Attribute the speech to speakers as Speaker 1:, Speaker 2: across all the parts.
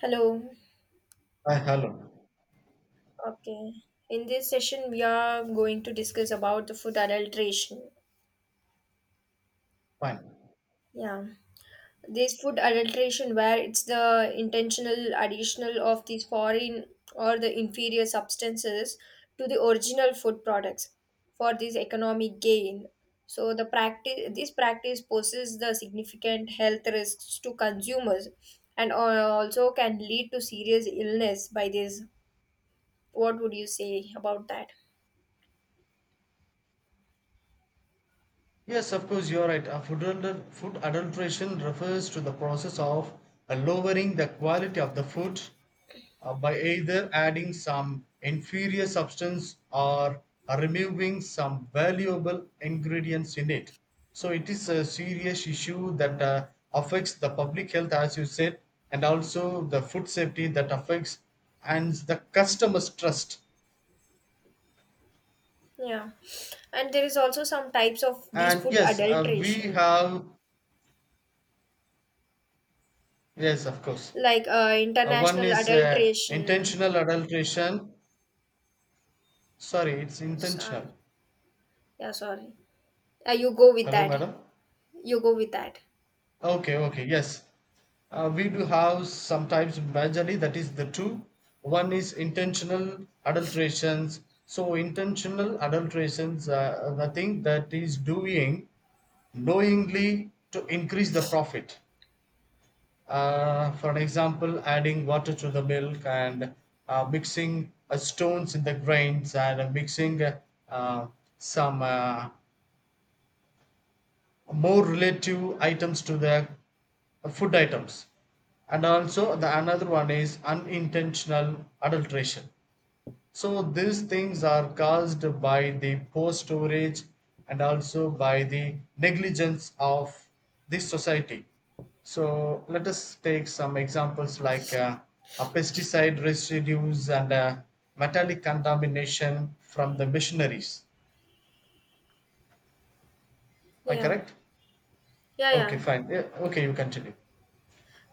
Speaker 1: Hello.
Speaker 2: Hi, hello.
Speaker 1: Okay. In this session, we are going to discuss about the food adulteration.
Speaker 2: Fine.
Speaker 1: Yeah, this food adulteration, where it's the intentional additional of these foreign or the inferior substances to the original food products for this economic gain. So the practice, this practice poses the significant health risks to consumers, and also can lead to serious illness by this. What would you say about that?
Speaker 2: Yes, of course, you're right. Food adulteration refers to the process of lowering the quality of the food by either adding some inferior substance or removing some valuable ingredients in it. So it is a serious issue that affects the public health, as you said, and also the food safety that affects and the customer's trust.
Speaker 1: Yeah, and there is also some types of these
Speaker 2: And
Speaker 1: food
Speaker 2: yes, we
Speaker 1: adulteration,
Speaker 2: have, yes, of course.
Speaker 1: like
Speaker 2: One
Speaker 1: international
Speaker 2: is
Speaker 1: adulteration.
Speaker 2: intentional adulteration. Sorry, it's
Speaker 1: Sorry.
Speaker 2: intentional.
Speaker 1: Yeah, sorry. You go with
Speaker 2: Hello,
Speaker 1: that.
Speaker 2: madam.
Speaker 1: You go with that.
Speaker 2: Okay, okay, yes. We do have sometimes majorly that is the two. One is intentional adulterations. So intentional adulterations are the thing that is doing knowingly to increase the profit. For an example, adding water to the milk, and mixing stones in the grains, and mixing uh, some more relative items to the food items. And also the another one is unintentional adulteration, so these things are caused by the poor storage and also by the negligence of this society. So let us take some examples like a pesticide residues and metallic contamination from the machineries. Am I
Speaker 1: Yeah.
Speaker 2: correct?
Speaker 1: Yeah,
Speaker 2: Okay,
Speaker 1: yeah.
Speaker 2: fine. Yeah, okay, you continue.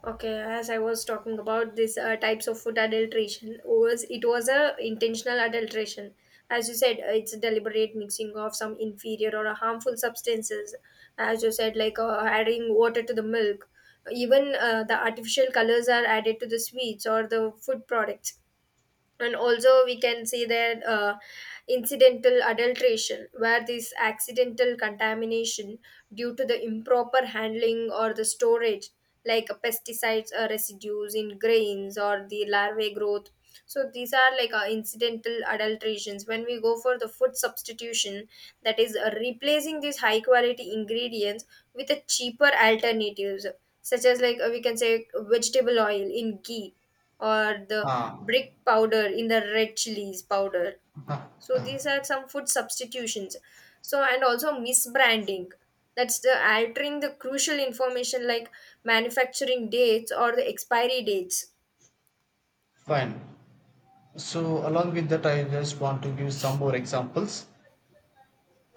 Speaker 1: Okay, as I was talking about this types of food adulteration, was it was a intentional adulteration. As you said, it's a deliberate mixing of some inferior or a harmful substances. As you said, like adding water to the milk, even the artificial colors are added to the sweets or the food products. And also we can see that incidental adulteration, where this accidental contamination due to the improper handling or the storage, like pesticides or residues in grains or the larvae growth. So these are like incidental adulterations. When we go for the food substitution, that is replacing these high quality ingredients with a cheaper alternatives, such as like we can say vegetable oil in ghee, or the
Speaker 2: Ah,
Speaker 1: brick powder in the red chilies powder. So these are some food substitutions. So and also misbranding, that's the altering the crucial information, like manufacturing dates or the expiry dates.
Speaker 2: fine. So along with that, I just want to give some more examples.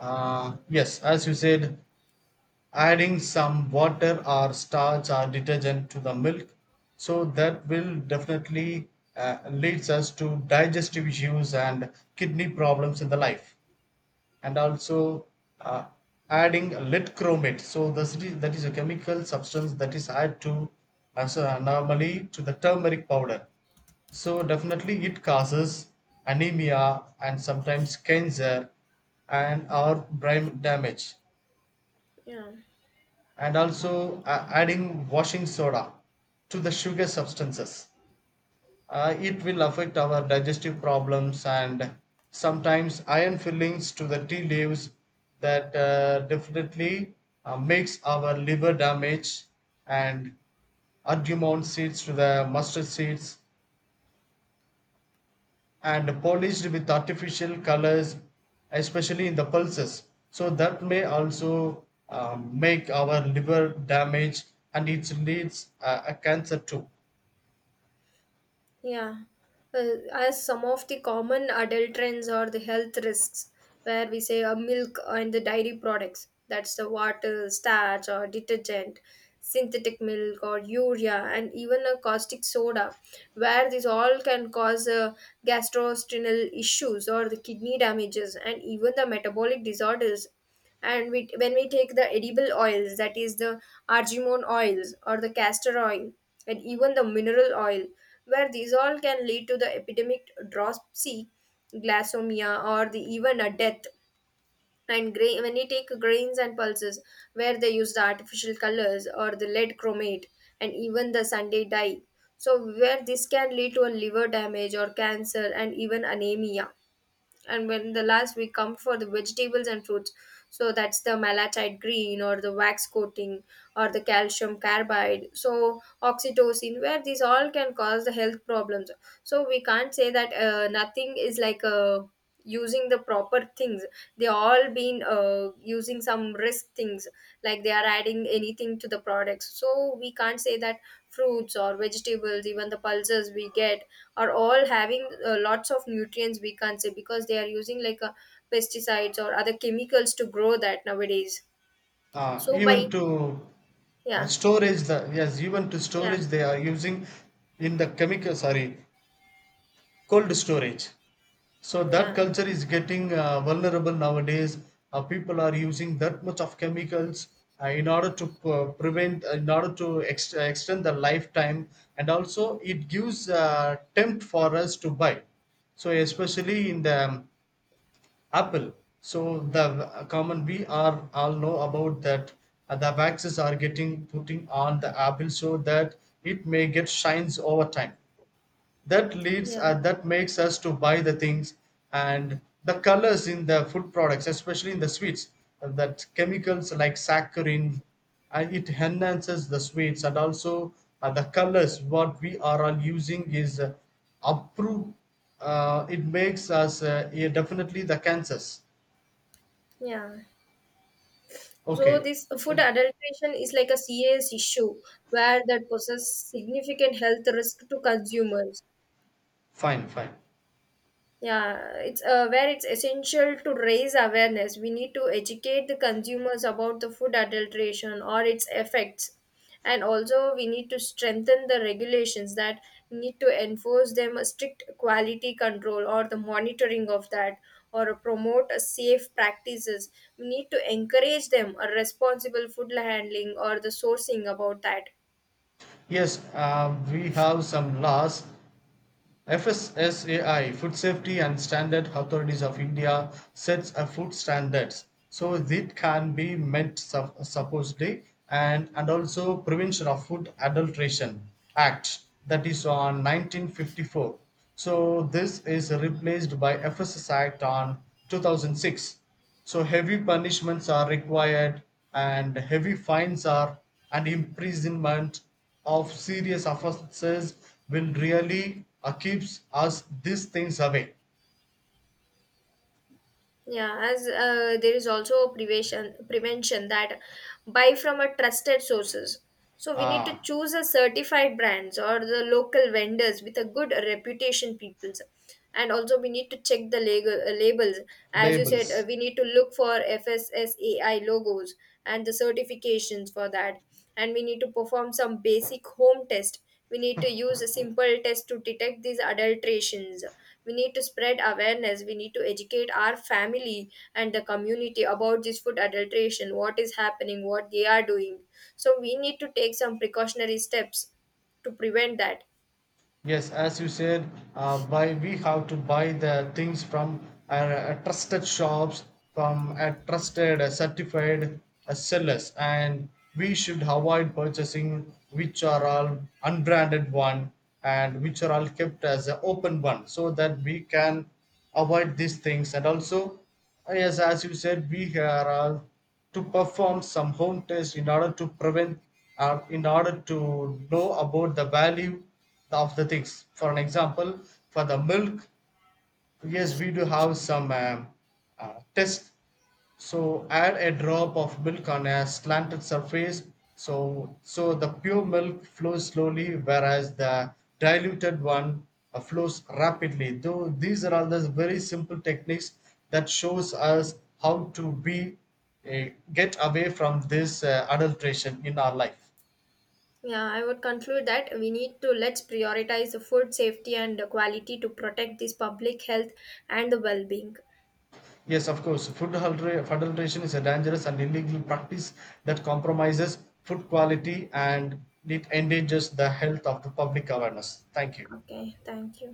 Speaker 2: Yes, as you said, adding some water or starch or detergent to the milk so that will definitely leads us to digestive issues and kidney problems in the life. And also uh, adding lead chromate, so that is a chemical substance that is added to as a normally to the turmeric powder. So definitely it causes anemia and sometimes cancer and or brain damage.
Speaker 1: Yeah.
Speaker 2: And also adding washing soda to the sugar substances. It will affect our digestive problems, and sometimes iron fillings to the tea leaves that definitely makes our liver damage, and adjumant seeds to the mustard seeds and polished with artificial colors, especially in the pulses. So that may also make our liver damage, and it leads a cancer too.
Speaker 1: Yeah, uh, as some of the common adult trends are the health risks, where we say milk and the dairy products, that's the water, starch, or detergent, synthetic milk, or urea, and even a caustic soda, where these all can cause gastrointestinal issues or the kidney damages and even the metabolic disorders. And when we take the edible oils, that is the argemone oils or the castor oil and even the mineral oil, where these all can lead to the epidemic dropsy, glasomia, or the even a death. And when you take grains and pulses, where they use the artificial colors or the lead chromate and even the sunday dye. So where this can lead to a liver damage or cancer and even anemia. And when the last, we come for the vegetables and fruits. So that's the malachite green or the wax coating or the calcium carbide so oxytocin, where these all can cause the health problems. So we can't say that nothing is like using the proper things. They all been using some risk things, like they are adding anything to the products. So we can't say that fruits or vegetables, even the pulses we get, are all having lots of nutrients. We can't say, because they are using like pesticides or other chemicals to grow that nowadays. So by.
Speaker 2: Even to
Speaker 1: Yeah.
Speaker 2: Storage, the yes, even to
Speaker 1: Yeah.
Speaker 2: storage they are using in the chemical, sorry, cold storage. So that
Speaker 1: Yeah.
Speaker 2: culture is getting vulnerable nowadays. People are using that much of chemicals in order to p- prevent, in order to ex- extend the lifetime, and also it gives tempt for us to buy. So especially in the Apple. So the common we are all know about that the waxes are getting putting on the Apple so that it may get shines over time, that leads
Speaker 1: Yeah.
Speaker 2: that makes us to buy the things. And the colors in the food products, especially in the sweets, that chemicals like saccharin, it enhances the sweets. And also the colors what we are all using is approved. It makes us, yeah, definitely the cancers.
Speaker 1: Yeah. So
Speaker 2: Okay.
Speaker 1: this food adulteration is like a serious issue, where that poses significant health risk to consumers.
Speaker 2: Fine, fine.
Speaker 1: Yeah, it's where it's essential to raise awareness. We need to educate the consumers about the food adulteration or its effects. And also, we need to strengthen the regulations that need to enforce them a strict quality control or the monitoring of that, or promote a safe practices. We need to encourage them a responsible food handling or the sourcing about that.
Speaker 2: Yes, we have some laws. FSSAI, Food Safety and Standard Authorities of India, sets a food standards. So it can be supposedly. And also Prevention of Food Adulteration Act, that is on 1954. So this is replaced by FSS Act on 2006. So heavy punishments are required, and heavy fines are, and imprisonment of serious offenses will really keeps us these things away.
Speaker 1: Yeah, as there is also prevention that buy from a trusted sources. So we need to
Speaker 2: Ah,
Speaker 1: choose a certified brands or the local vendors with a good reputation peoples. And also we need to check the legal, labels. As you said,
Speaker 2: labels.
Speaker 1: we need to look for FSSAI logos and the certifications for that. And we need to perform some basic home test. We need to use a simple test to detect these adulterations. We need to spread awareness. We need to educate our family and the community about this food adulteration, what is happening, what they are doing. So we need to take some precautionary steps to prevent that.
Speaker 2: Yes, as you said, buy we have to buy the things from trusted shops, from a trusted, certified sellers, and we should avoid purchasing which are all unbranded one and which are all kept as an open one, so that we can avoid these things. And also, yes, as you said, we are all to perform some home tests in order to prevent, in order to know about the value of the things. For an example, for the milk, yes, we do have some test. So add a drop of milk on a slanted surface. So the pure milk flows slowly, whereas the diluted one flows rapidly. Though these are all the very simple techniques that shows us how to be get away from this adulteration in our life.
Speaker 1: Yeah, I would conclude that we need to, let's prioritize the food safety and the quality to protect this public health and the well-being.
Speaker 2: Yes, of course. Food adulteration is a dangerous and illegal practice that compromises food quality, and it endangers the health of the public awareness. Thank you.
Speaker 1: Okay, thank you.